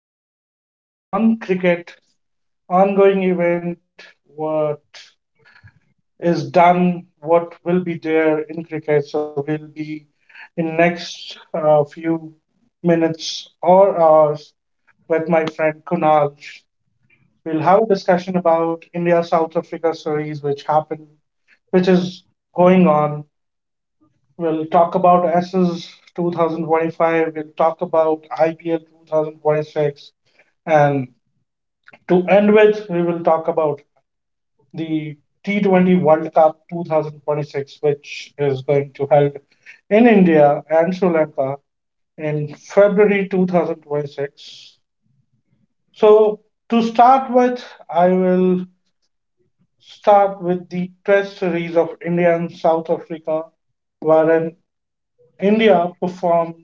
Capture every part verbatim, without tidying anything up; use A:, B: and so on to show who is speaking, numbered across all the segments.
A: discussion on cricket, ongoing event, what is done, what will be there in cricket. So, we'll be in next uh, few minutes or hours with my friend Kunal. We'll have a discussion about India South Africa series, which happened, which is going on. We'll talk about S S twenty twenty-five. We'll talk about I P L twenty twenty-six. And to end with, we will talk about the T twenty World Cup twenty twenty-six, which is going to held in India and Sri Lanka in February twenty twenty-six. So, to start with, I will start with the Test series of India and South Africa, wherein India performed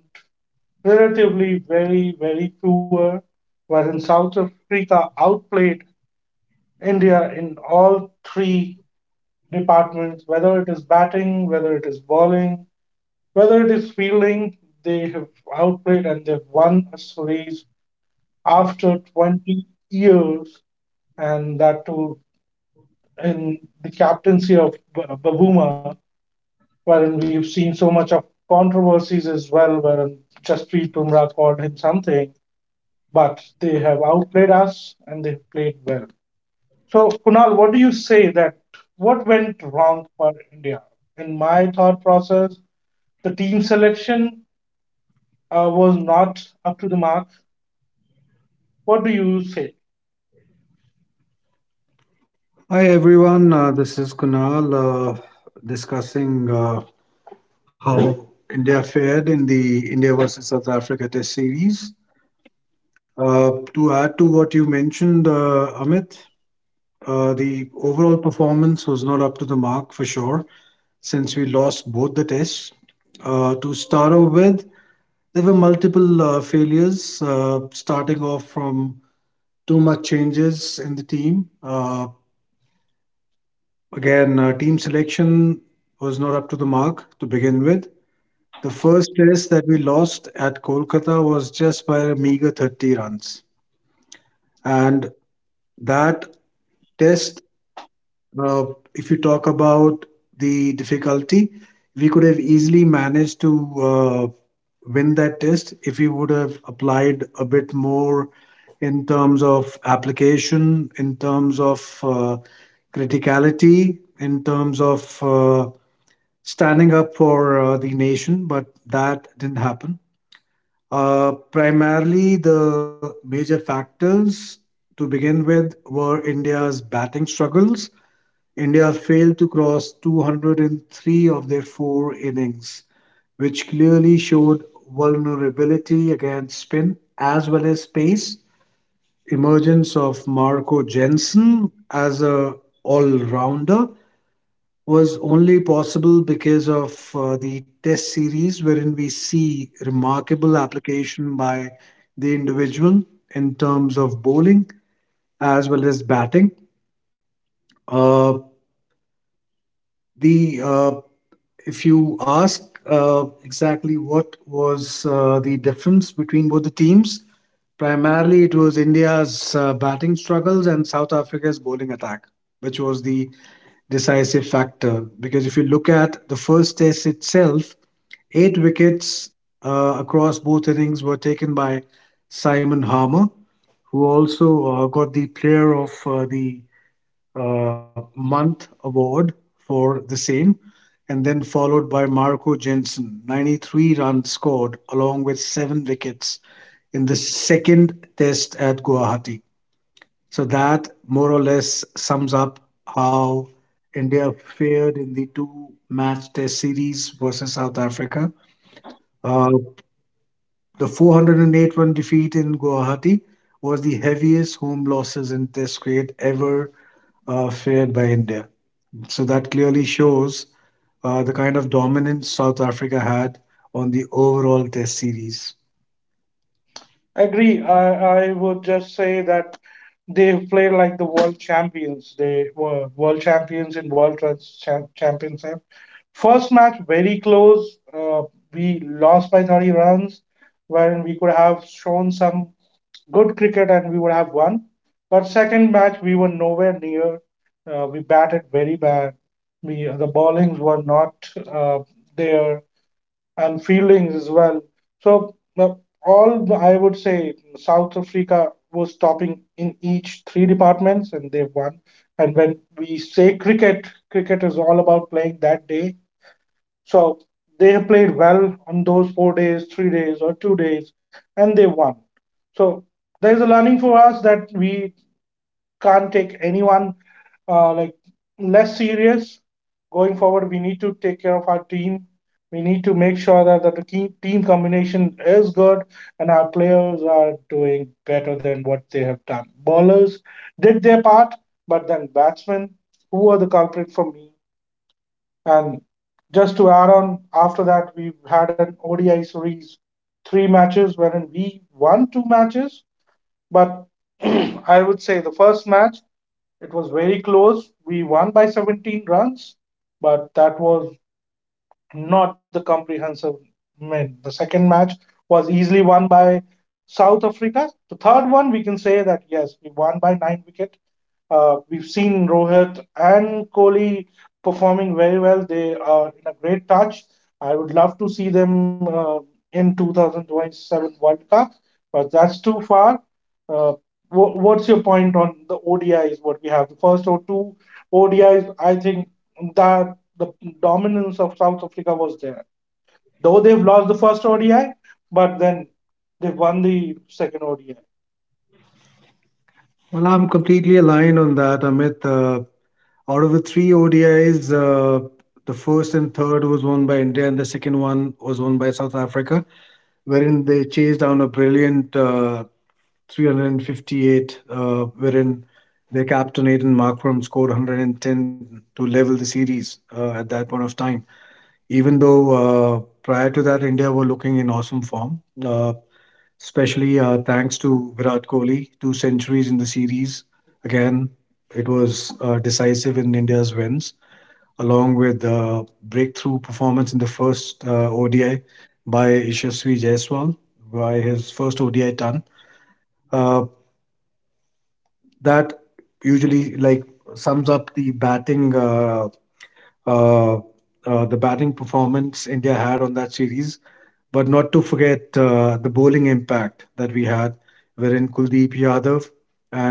A: relatively very, very poor, wherein South Africa outplayed India in all three departments, whether it is batting, whether it is bowling, whether it is fielding, they have outplayed and they've won a series after twenty years, and that too in the captaincy of B- Babuma, wherein we've seen so much of controversies as well, wherein Jasprit Bumrah called him something, but they have outplayed us and they played well. So, Kunal, what do you say that what went wrong for India? In my thought process, the team selection uh, was not up to the mark. What do you say?
B: Hi everyone, uh, this is Kunal uh, discussing uh, how India fared in the India versus South Africa Test series. Uh, to add to what you mentioned, uh, Amit, uh, the overall performance was not up to the mark for sure, since we lost both the tests. Uh, to start off with, there were multiple uh, failures, uh, starting off from too much changes in the team. Uh, Again, uh, team selection was not up to the mark to begin with. The first test that we lost at Kolkata was just by a meager thirty runs. And that test, uh, if you talk about the difficulty, we could have easily managed to uh, win that test if we would have applied a bit more in terms of application, in terms of uh, criticality, in terms of uh, standing up for uh, the nation, but that didn't happen. Uh, primarily, the major factors to begin with were India's batting struggles. India failed to cross two hundred three of their four innings, which clearly showed vulnerability against spin as well as pace. Emergence of Marco Jensen as a all-rounder was only possible because of uh, the test series, wherein we see remarkable application by the individual in terms of bowling as well as batting. Uh, the uh, If you ask uh, exactly what was uh, the difference between both the teams, primarily it was India's uh, batting struggles and South Africa's bowling attack, which was the decisive factor. Because if you look at the first test itself, eight wickets uh, across both innings were taken by Simon Harmer, who also uh, got the Player of uh, the uh, Month award for the same, and then followed by Marco Jensen. ninety-three runs scored, along with seven wickets in the second test at Guwahati. So that more or less sums up how India fared in the two match test series versus South Africa. Uh, The four hundred eight run defeat in Guwahati was the heaviest home losses in Test cricket ever uh, fared by India. So that clearly shows uh, the kind of dominance South Africa had on the overall Test series.
A: Agree. I, I would just say that they played like the world champions. They were world champions in World Trans Championship. First match, very close. Uh, we lost by thirty runs, when we could have shown some good cricket and we would have won. But second match we were nowhere near. Uh, we batted very bad. We uh, the bowlings were not uh, there and fieldings as well. So uh, all I would say South Africa was topping in each three departments and they won. And when we say cricket, cricket is all about playing that day, so they have played well on those four days, three days, or two days, and they won. So there's a learning for us that we can't take anyone uh, like less serious going forward. We need to take care of our team. We need to make sure that, that the key team combination is good and our players are doing better than what they have done. Bowlers did their part, but then batsmen, who are the culprit for me? And just to add on, after that, we've had an O D I series, three matches, wherein we won two matches. But I would say the first match, it was very close. We won by seventeen runs, but that was not the comprehensive win. The second match was easily won by South Africa. The third one, we can say that yes, we won by nine wicket. Uh, we've seen Rohit and Kohli performing very well. They are in a great touch. I would love to see them uh, in twenty twenty-seven World Cup, but that's too far. Uh, wha- what's your point on the O D Is? What we have the first or two O D Is? I think that the dominance of South Africa was there. Though they've lost the first O D I, but then they've won the second O D I.
B: Well, I'm completely aligned on that, Amit. Uh, out of the three O D Is, uh, the first and third was won by India, and the second one was won by South Africa, wherein they chased down a brilliant uh, three hundred fifty-eight, uh, wherein their captain Aidan Markram scored one hundred ten to level the series uh, at that point of time. Even though, uh, prior to that, India were looking in awesome form, uh, especially uh, thanks to Virat Kohli, two centuries in the series. Again, it was uh, decisive in India's wins, along with uh, breakthrough performance in the first uh, O D I by Ishasvi Jaiswal, by his first O D I ton. Uh, that usually like sums up the batting uh, uh, uh, the batting performance India had on that series. But not to forget uh, the bowling impact that we had, wherein Kuldeep Yadav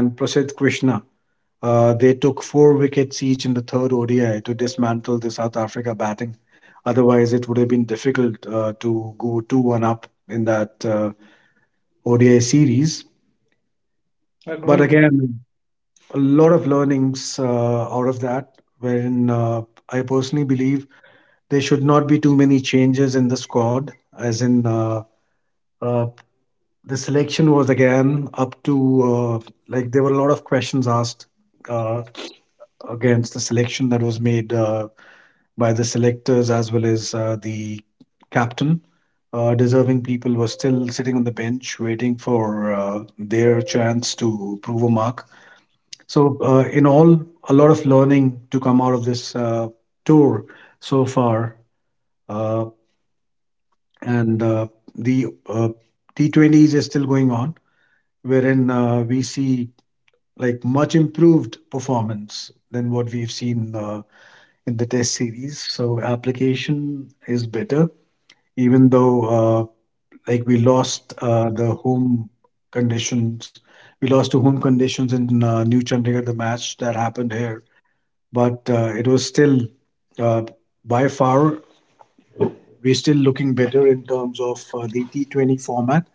B: and Prasad Krishna uh, they took four wickets each in the third O D I to dismantle the South Africa batting. Otherwise, it would have been difficult uh, to go two one up in that uh, O D I series. But
A: Agree.
B: again, a lot of learnings uh, out of that, wherein uh, I personally believe there should not be too many changes in the squad, as in uh, uh, the selection was again up to uh, like there were a lot of questions asked uh, against the selection that was made uh, by the selectors as well as uh, the captain. Uh, deserving people were still sitting on the bench waiting for uh, their chance to prove a mark. So, uh, in all, a lot of learning to come out of this uh, tour so far. Uh, and uh, the uh, T twenty s is still going on, wherein uh, we see like much improved performance than what we've seen uh, in the test series. So application is better, even though uh, like we lost uh, the home conditions. We lost to home conditions in uh, New Chandigarh, the match that happened here, but uh, it was still uh, by far we're still looking better in terms of uh, the T twenty format.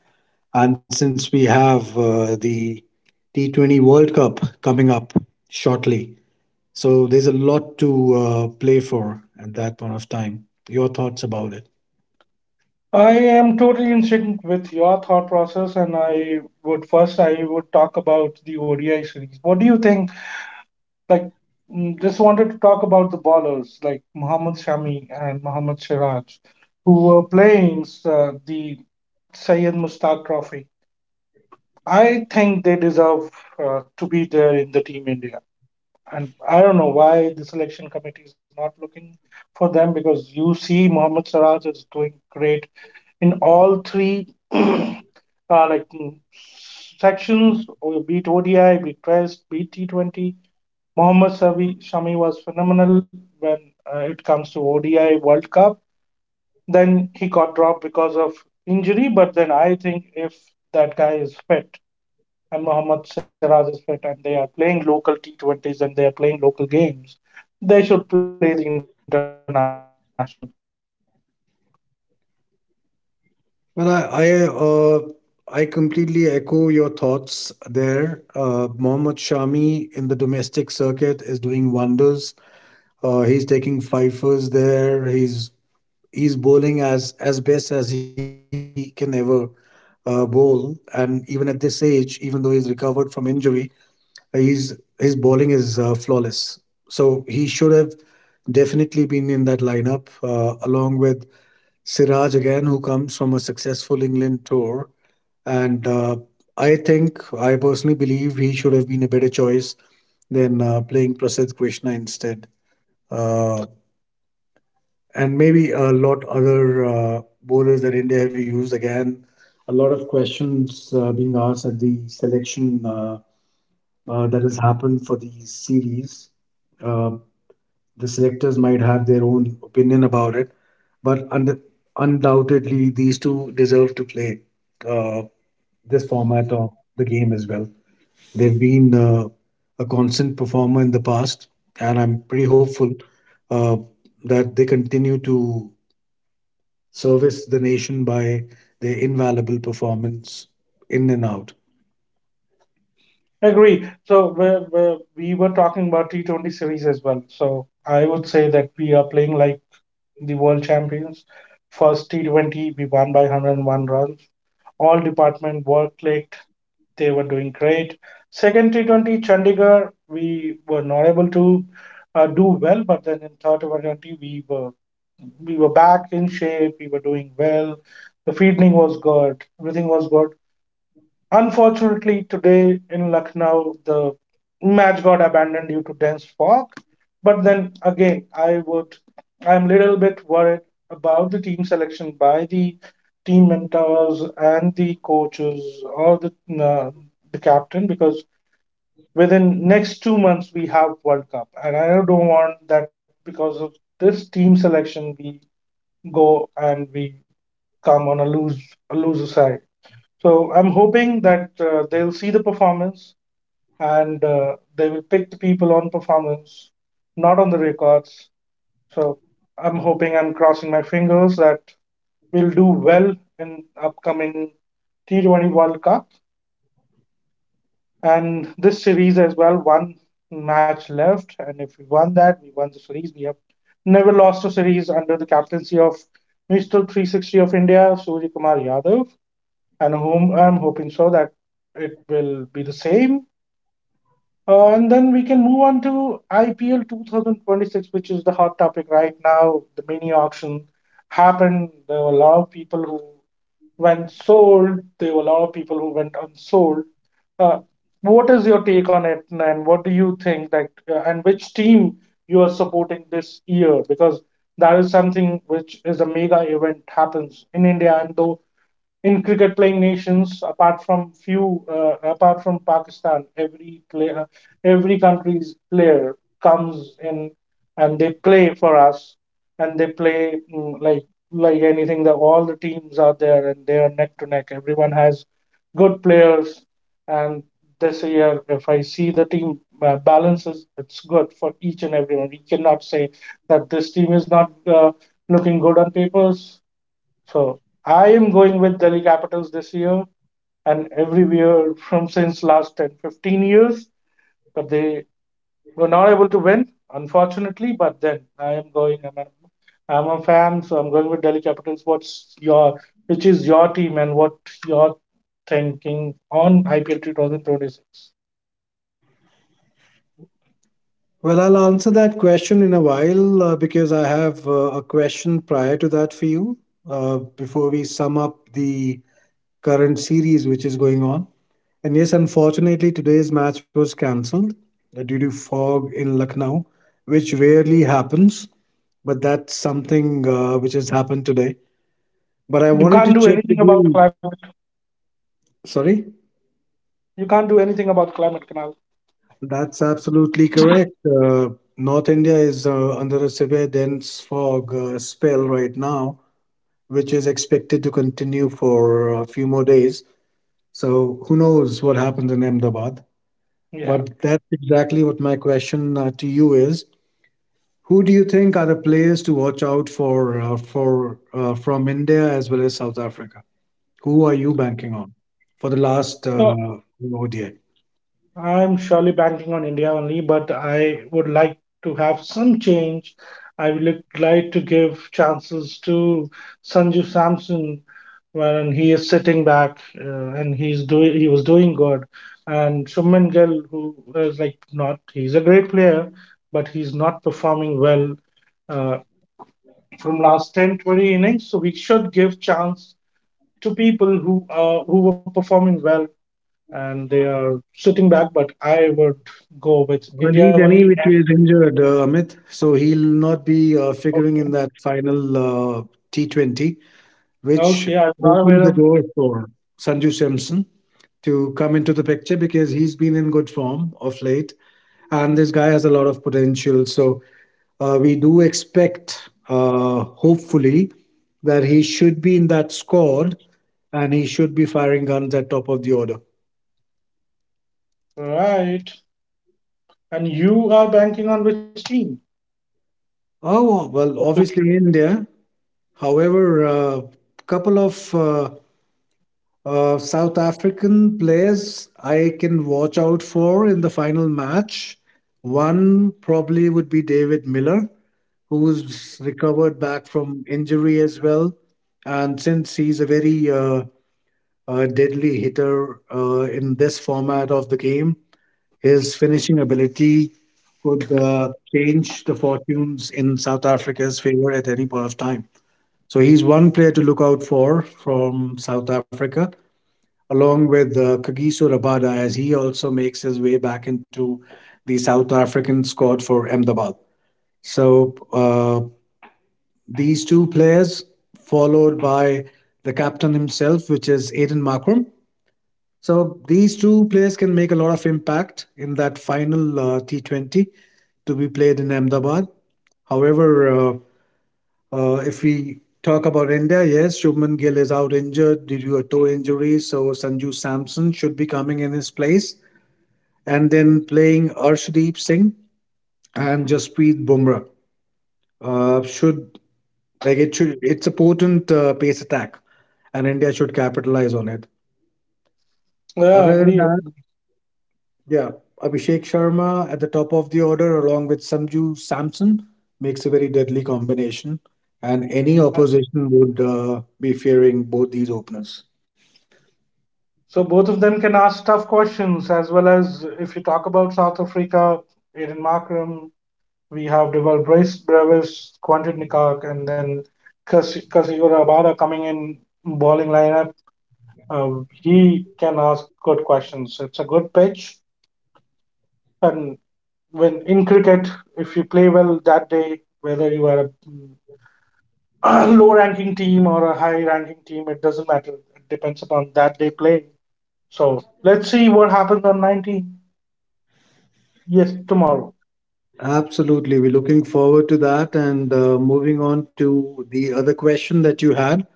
B: And since we have uh, the T twenty World Cup coming up shortly, so there's a lot to uh, play for at that point of time. Your thoughts about it?
A: I am totally in sync with your thought process, and I would first I would talk about the O D I series. What do you think? Like, mm, just wanted to talk about the ballers like Mohammad Shami and Mohammad Siraj, who were playing uh, the Syed Mustaq Trophy. I think they deserve uh, to be there in the Team India, and I don't know why the selection committee is not looking for them because you see Mohammad Siraj is doing great in all three uh, like mm, sections, or be it O D I, be it Test, be it T twenty. Mohammad Savi, Shami was phenomenal when uh, it comes to O D I World Cup. Then he got dropped because of injury, but then I think if that guy is fit and Mohammad Siraj is fit and they are playing local T twenties and they are playing local games, they should play the international game.
B: Well, I I, uh, I completely echo your thoughts there. Uh, Mohammad Shami in the domestic circuit is doing wonders. Uh, he's taking fifers there. He's he's bowling as as best as he can ever uh, bowl, and even at this age, even though he's recovered from injury, He's his bowling is uh, flawless. So he should have definitely been in that lineup uh, along with Siraj again, who comes from a successful England tour. And uh, I think I personally believe he should have been a better choice than uh, playing Prasad Krishna instead. Uh, and maybe a lot other uh, bowlers that India have used again. A lot of questions uh, being asked at the selection. Uh, uh, that has happened for these series. Uh, the selectors might have their own opinion about it, but und- undoubtedly, these two deserve to play uh, this format of the game as well. They've been uh, a constant performer in the past, and I'm pretty hopeful uh, that they continue to service the nation by their invaluable performance in and out.
A: Agree. So we we we were talking about T twenty series as well. So I would say that we are playing like the world champions. First T twenty, we won by one hundred one runs. All department were clicked. They were doing great. Second T twenty, Chandigarh, we were not able to uh, do well, but then in third T twenty, we were we were back in shape. We were doing well. The fielding was good. Everything was good. Unfortunately, today in Lucknow, the match got abandoned due to dense fog. But then again, I would, I'm little bit worried about the team selection by the team mentors and the coaches or the uh, the captain, because within next two months we have World Cup, and I don't want that because of this team selection we go and we come on a lose a loser side. So I'm hoping that uh, they'll see the performance and uh, they will pick the people on performance, not on the records. So I'm hoping I'm crossing my fingers that we'll do well in upcoming T twenty World Cup and this series as well. One match left, and if we won that, we won the series. We have never lost a series under the captaincy of Mister three sixty of India, Surya Kumar Yadav, and whom I'm hoping so that it will be the same. Uh, and then we can move on to I P L twenty twenty-six, which is the hot topic right now. The mini auction happened. There were a lot of people who went sold. There were a lot of people who went unsold. Uh, what is your take on it, and what do you think? Like, uh, and which team you are supporting this year? Because that is something which is a mega event happens in India, and though in cricket playing nations apart from few uh, apart from Pakistan, every player, every country's player comes in and they play for us and they play mm, like like anything, that all the teams are there and they are neck to neck, everyone has good players. And this year if I see the team uh, balances, it's good for each and everyone. We cannot say that this team is not uh, looking good on papers. So I am going with Delhi Capitals this year and every year from since last ten, fifteen years, but they were not able to win, unfortunately. But then I am going. I'm a, I'm a fan, so I'm going with Delhi Capitals. What's your Which is your team and what you're thinking on I P L twenty twenty-six?
B: Well, I'll answer that question in a while uh, because I have uh, a question prior to that for you uh, before we sum up the current series which is going on. And yes, unfortunately, today's match was cancelled uh, due to fog in Lucknow, which rarely happens, but that's something uh, which has happened today. But I
A: You
B: wanted to
A: can't do
B: check with
A: anything about
B: you.
A: climate.
B: Sorry,
A: You can't do anything about climate, canal.
B: that's absolutely correct. Uh, North India is uh, under a severe dense fog uh, spell right now which is expected to continue for a few more days. So who knows what happens in Ahmedabad?
A: Yeah.
B: But that's exactly what my question uh, to you is: Who do you think are the players to watch out for uh, for uh, from India as well as South Africa? Who are you banking on for the last
A: So
B: uh, O D I?
A: I'm surely banking on India only, but I would like to have some change. I would look- like to give chances to Sanju Samson, when he is sitting back uh, and he's doing he was doing good, and Shubman Gill who is like not, he's a great player, but he's not performing well uh, from last ten twenty innings. So we should give chance to people who uh, who were performing well and they are sitting back. But I would go with
B: Well,
A: India
B: he's any
A: only.
B: which
A: And
B: way is injured, uh, Amit. So he'll not be uh, figuring
A: okay,
B: in that final uh, T twenty, which
A: okay, I'm not aware
B: opened the
A: of it.
B: door for Sanju Samson to come into the picture because he's been in good form of late, and this guy has a lot of potential. So uh, we do expect, uh, hopefully, that he should be in that squad and he should be firing guns at top of the order.
A: Right. And you are banking on which team?
B: Oh well, obviously India. However, a couple of uh, Uh, South African players I can watch out for in the final match. One probably would be David Miller, who's recovered back from injury as well. And since he's a very uh, uh, deadly hitter uh, in this format of the game, his finishing ability could uh, change the fortunes in South Africa's favor at any point of time. So he's one player to look out for from South Africa along with uh, Kagiso Rabada as he also makes his way back into the South African squad for Ahmedabad. So uh, these two players, followed by the captain himself, which is Aiden Markram. So these two players can make a lot of impact in that final uh, T twenty to be played in Ahmedabad. However, uh, uh, if we talk about India, yes, Shubman Gill is out injured due to a toe injury, so Sanju Samson should be coming in his place, and then playing Arshdeep Singh and Jasprit Bumrah. Uh, should like it should it's a potent uh, pace attack, and India should capitalize on it.
A: Yeah,
B: Other than
A: agree.
B: that, yeah, Abhishek Sharma at the top of the order along with Sanju Samson makes a very deadly combination, and
A: Mm,
B: any
A: right.
B: opposition would uh, be fearing both these openers.
A: So both of them can ask tough questions. As well, as if you talk about South Africa, Aiden Markram, we have Duval Brace Brevis, Quentin Nikak, and then Kasigura Abada coming in bowling lineup. Uh, he can ask good questions. It's a good pitch, and when in cricket, if you play well that day, whether you are a low ranking team or a high ranking team, it doesn't matter. It depends upon that day playing. So let's see what happens on nineteen. Yes, tomorrow.
B: Absolutely. We're looking forward to that. And uh, moving on to the other question that you had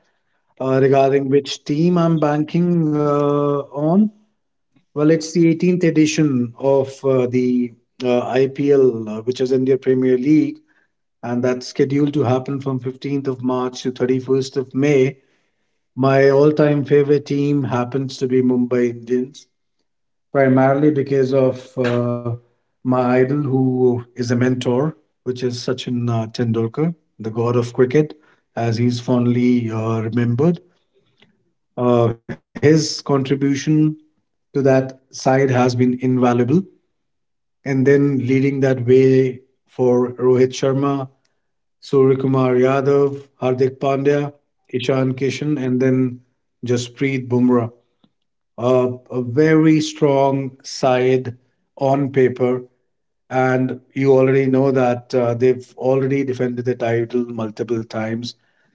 B: uh, regarding which team I'm banking uh, on. Well, it's the eighteenth edition of uh, the uh, I P L, uh, which is India Premier League, and that's scheduled to happen from fifteenth of March to thirty-first of May. My all time favorite team happens to be Mumbai Indians primarily because of uh, my idol, who is a mentor, which is Sachin uh, Tendulkar, the god of cricket, as he's fondly uh, remembered. Uh, his contribution to that side has been invaluable. And then leading that way for Rohit Sharma, Surya Kumar Yadav, Hardik Pandya, Ishan Kishan, and then Jasprit Bumrah, uh, a very strong side on paper, and you already know that uh, they've already defended the title multiple times.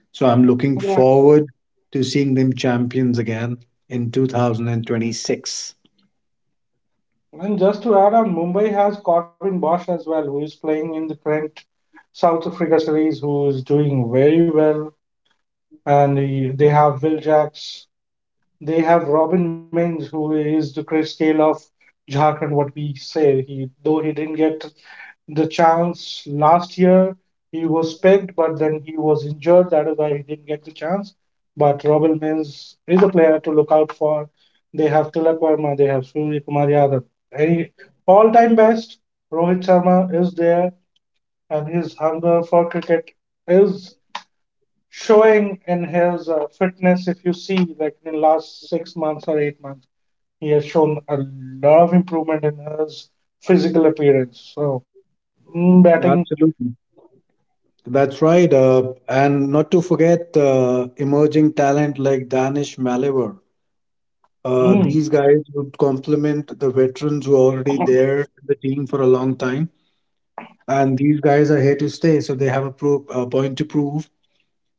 B: So I'm looking
A: Yeah.
B: forward to seeing them champions again in two thousand twenty-six.
A: And just to add on, Mumbai has Corbin Bosch as well, who is playing in the current South Africa series, who is doing very well. And he, they have Will Jacks. They have Robin Mins, who is the Chris Gayle of Jharkhand, what we say. He, though he didn't get the chance last year. He was picked, but then he was injured. That is why he didn't get the chance. But Robin Mills is a player to look out for. They have Tilak Verma, they have Surya Kumar Yadav. Any all-time best, Rohit Sharma is there, and his hunger for cricket is showing in his uh, fitness. If you see, like in the last six months or eight months, he has shown a lot of improvement in his physical appearance. So mm, batting.
B: Absolutely. That's right. Uh, and not to forget uh, emerging talent like Danish Maliver. Uh,
A: Hmm.
B: these guys would complement the veterans who are already there in the team for a long time. And these guys are here to stay, so they have a, pro- a point to prove.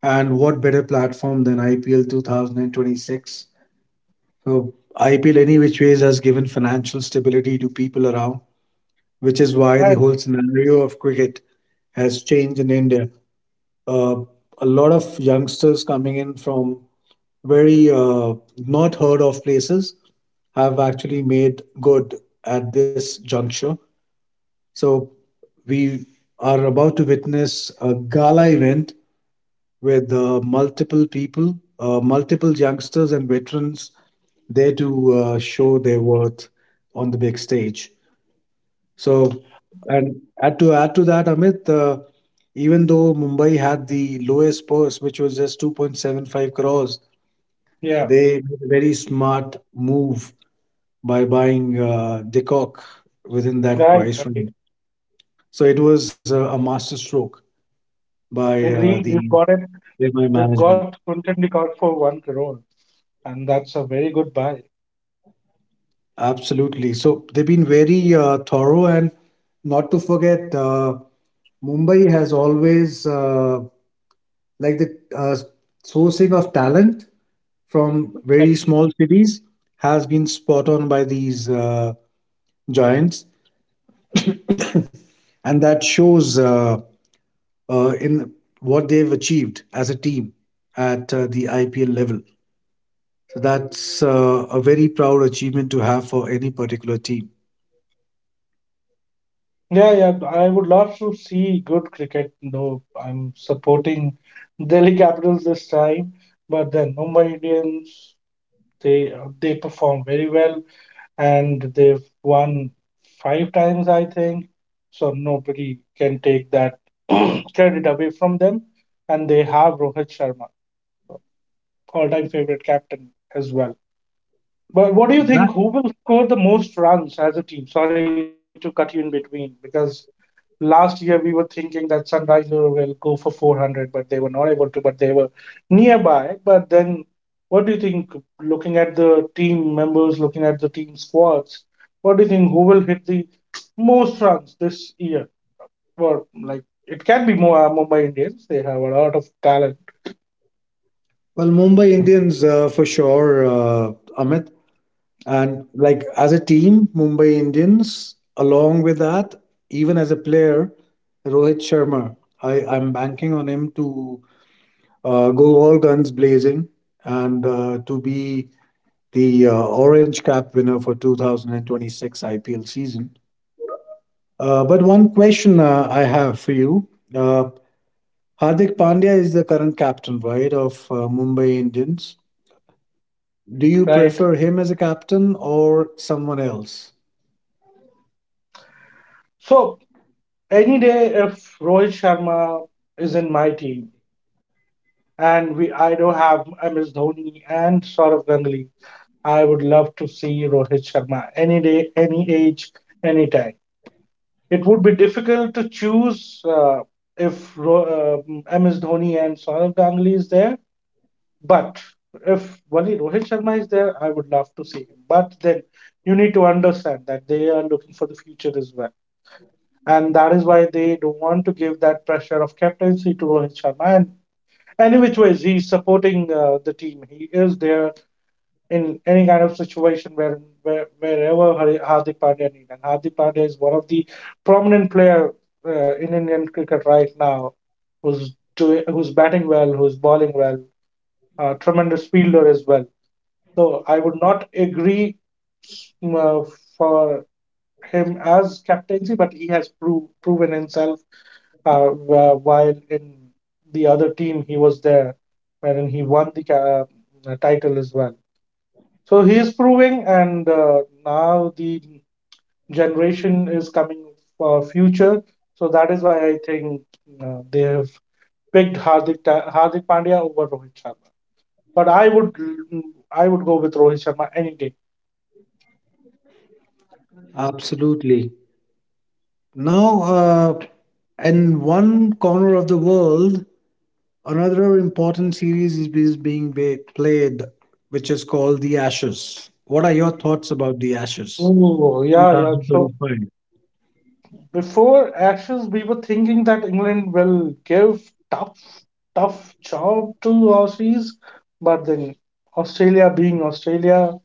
B: And what better platform than I P L twenty twenty-six? So I P L, any which ways, has given financial stability to people around, which is why the
A: Right.
B: whole scenario of cricket has changed in India. Uh, a lot of youngsters coming in from very uh, not heard of places have actually made good at this juncture. So we are about to witness a gala event with uh, multiple people, uh, multiple youngsters and veterans there to uh, show their worth on the big stage. So, and add to add to that, Amit, uh, even though Mumbai had the lowest purse, which was just two point seven five crores,
A: Yeah.
B: they made a very smart move by buying uh, Decock within that
A: Right.
B: price range.
A: Right.
B: So it was uh, a master stroke by uh,
A: Agreed.
B: the
A: You've got it.
B: by my
A: They've got
B: management.
A: Kuntan Dekkar for one crore, and that's a very good buy.
B: Absolutely. So they've been very uh, thorough, and not to forget, uh, Mumbai has always uh, like the uh, sourcing of talent from very
A: And
B: small cities has been spot on by these uh, giants, and that shows uh, uh, in what they've achieved as a team at uh, the I P L level. So that's uh, a very proud achievement to have for any particular team.
A: yeah, yeah, I would love to see good cricket, though I'm supporting Delhi Capitals this time. But then Mumbai Indians, they uh, they perform very well, and they've won five times, I think. So nobody can take that credit away from them. And they have Rohit Sharma, all-time favorite captain as well. But what do you
B: Yeah.
A: think? Who will score the most runs as a team? Sorry to cut you in between because last year we were thinking that Sunriser will go for four hundred, but they were not able to, but they were nearby. But then, what do you think? Looking at the team members, looking at the team squads, what do you think? Who will hit the most runs this year? Well, like it can be more Mumbai Indians. They have a lot of talent,
B: Well, Mumbai Indians uh, for sure, uh, Amit. And like as a team, Mumbai Indians, along with that, even as a player, Rohit Sharma, I, I'm banking on him to uh, go all guns blazing and uh, to be the uh, Orange Cap winner for two thousand twenty-six I P L season. Uh, but one question uh, I have for you. Uh, Hardik Pandya is the current captain, right, of uh, Mumbai Indians.
A: right?
B: Do you prefer him as a captain or someone else?
A: So any day, if Rohit Sharma is in my team and we I do have M S Dhoni and Saurav Ganguly, I would love to see Rohit Sharma any day, any age, any time. It would be difficult to choose uh, if Ro- um M S Dhoni and Saurav Ganguly is there, but if only Rohit Sharma is there, I would love to see him. But then you need to understand that they are looking for the future as well, and that is why they don't want to give that pressure of captaincy to Rohit Sharma. And any which ways, he's supporting uh, the team. He is there in any kind of situation where, where wherever Hari- Hardik Pandya needs. And Hardik Pandya is one of the prominent player uh, in Indian cricket right now, who's doing, who's batting well, who's bowling well, uh, tremendous fielder as well. So I would not agree uh, for him as captaincy, but he has pro- proven himself uh, wh- while in the other team he was there, wherein he won the ca- uh, title as well. So he is proving, and uh, now the generation is coming for future. So that is why I think uh, they have picked Hardik Ta- Hardik Pandya over Rohit Sharma. But I would I would go with Rohit Sharma any day.
B: Absolutely. Now, uh, in one corner of the world, another important series is is being be- played, which is called the Ashes. What are your thoughts about the Ashes?
A: Oh yeah, yeah. So
B: two thousand twenty-five.
A: before Ashes, we were thinking that England will give tough, tough job to Aussies, but then Australia being Australia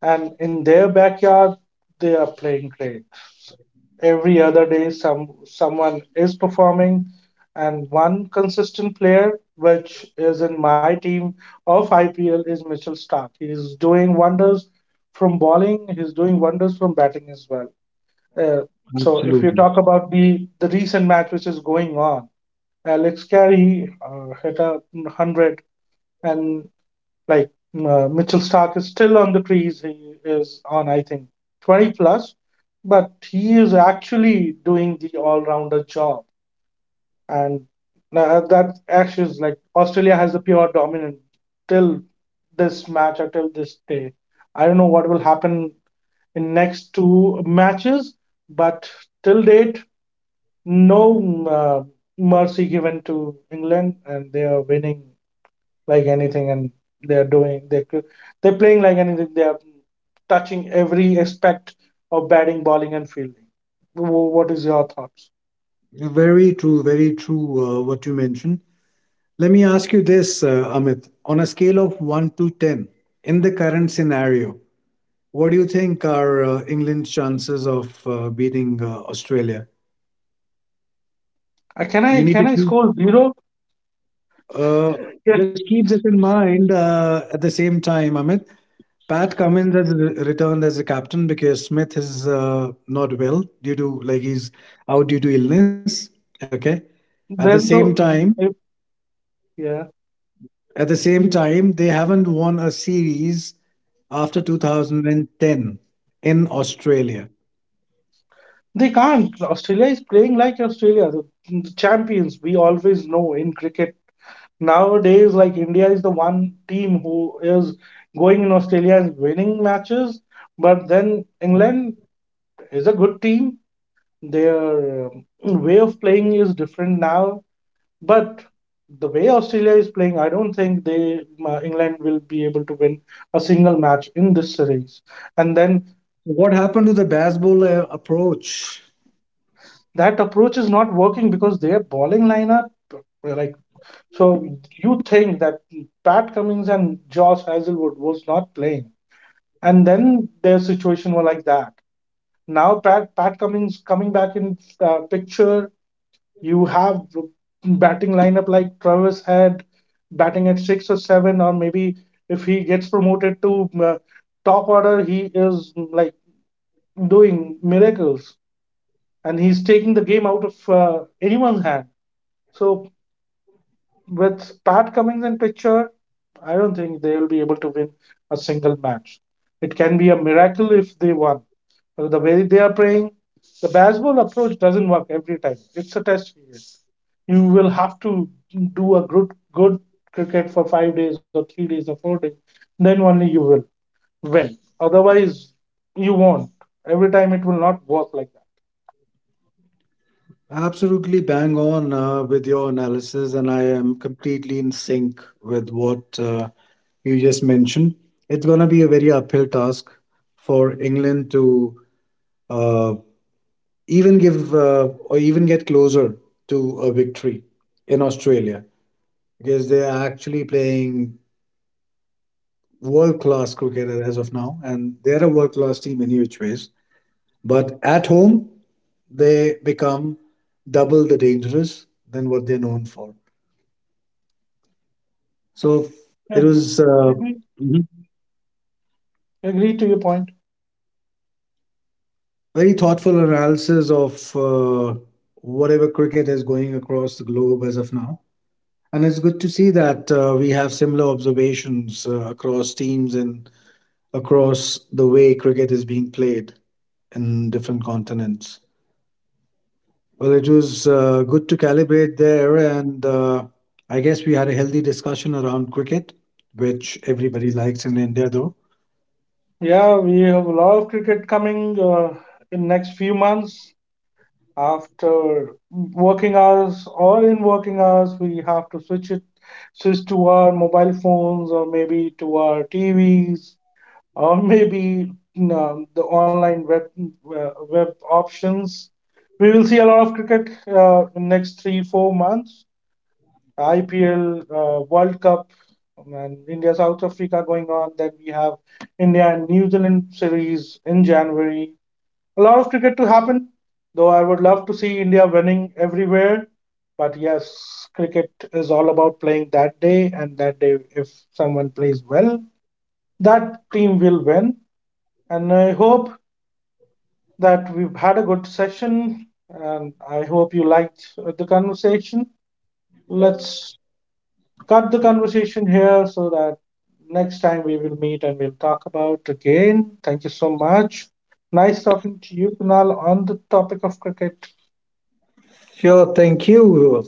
A: and in their backyard, they are playing great. Every other day, some someone is performing, and one consistent player, which is in my team of I P L, is Mitchell Stark. He's doing wonders from bowling. He's doing wonders from batting as well. Uh, so if you
B: Absolutely.
A: talk about the the recent match which is going on, Alex Carey uh, hit a hundred, and like uh, Mitchell Stark is still on the trees. He is on, I think, twenty plus, but he is actually doing the all rounder job, and uh, that actually is like Australia has the pure dominant till this match or till this day. I don't know what will happen in next two matches, but till date no mm, uh, mercy given to England, and they are winning like anything, and they are doing they they're they're playing like anything. They are touching every aspect of batting, bowling, and fielding. Wh- What is your thoughts?
B: Very true, very true, uh, what you mentioned. Let me ask you this, uh, Amit. On a scale of one to ten, in the current scenario, what do you think are uh, England's chances of uh, beating uh, Australia?
A: Uh, Can
B: You
A: I
B: need to
A: can I
B: keep,
A: score zero?
B: uh,
A: Yes,
B: just keep this in mind uh, at the same time, Amit. Pat Cummins has re- returned as a captain because Smith is uh, not well due to, like, he's out due to illness. Okay. At the
A: there's no
B: same time,
A: if- yeah.
B: At the same time, they haven't won a series after two thousand ten in Australia.
A: They can't. Australia is playing like Australia, the, the champions. We always know in cricket nowadays like India is the one team who is going in Australia and winning matches, but then England is a good team. Their um, way of playing is different now, but the way Australia is playing, I don't think they uh, England will be able to win a single match in this series. And then
B: So what happened to the baseball uh, approach?
A: that approach is not working because their bowling lineup, like, so you think that Pat Cummings and Josh Hazelwood was not playing, and then their situation were like that. Now Pat Pat Cummings coming back in uh, picture. You have batting lineup like Travis had batting at six or seven, or maybe if he gets promoted to uh, top order, he is like doing miracles, and he's taking the game out of uh, anyone's hand. So with Pat Cummings in picture, I don't think they will be able to win a single match. It can be a miracle if they won uh, the way they are playing. The baseball approach doesn't work every time. It's a test period. You will have to do a good good cricket for five days or three days or four days. Then only you will win. Otherwise, you won't. Every time it will not work like that.
B: Absolutely bang on uh, with your analysis, and I am completely in sync with what uh, you just mentioned. It's going to be a very uphill task for England to uh, even give uh, or even get closer to a victory in Australia because they are actually playing world class cricketer as of now, and they're a world class team in which ways. But at home, they become double the dangerous than what they're known for. So it
A: Right.
B: was uh,
A: Agree.
B: Mhm.
A: Agree to your point.
B: Very thoughtful analysis of uh, whatever cricket is going across the globe as of now. And it's good to see that uh, we have similar observations uh, across teams and across the way cricket is being played in different continents. Well, it was uh, good to calibrate there, and uh, I guess we had a healthy discussion around cricket, which everybody likes in India, though.
A: Yeah, we have a lot of cricket coming uh, in next few months. After working hours or in working hours, we have to switch it switch to our mobile phones or maybe to our T Vs or maybe um, the online web uh, web options. We will see a lot of cricket uh, in next three four months. IPL, uh, world cup, um, and India South Africa going on, then we have India and New Zealand series in January. A lot of cricket to happen. Though I would love to see India winning everywhere. But yes, cricket is all about playing that day, and that day, if someone plays well, that team will win. And I hope that we've had a good session, and I hope you liked uh, the conversation. Let's cut the conversation here so that next time we will meet and we'll talk about again. Thank you so much. Nice talking to you, Kunal, on the topic of cricket.
B: Sure, thank you.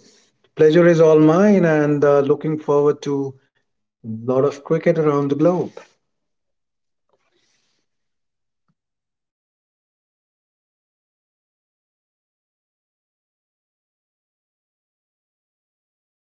B: Pleasure is all mine, and uh, looking forward to a lot of cricket around the globe.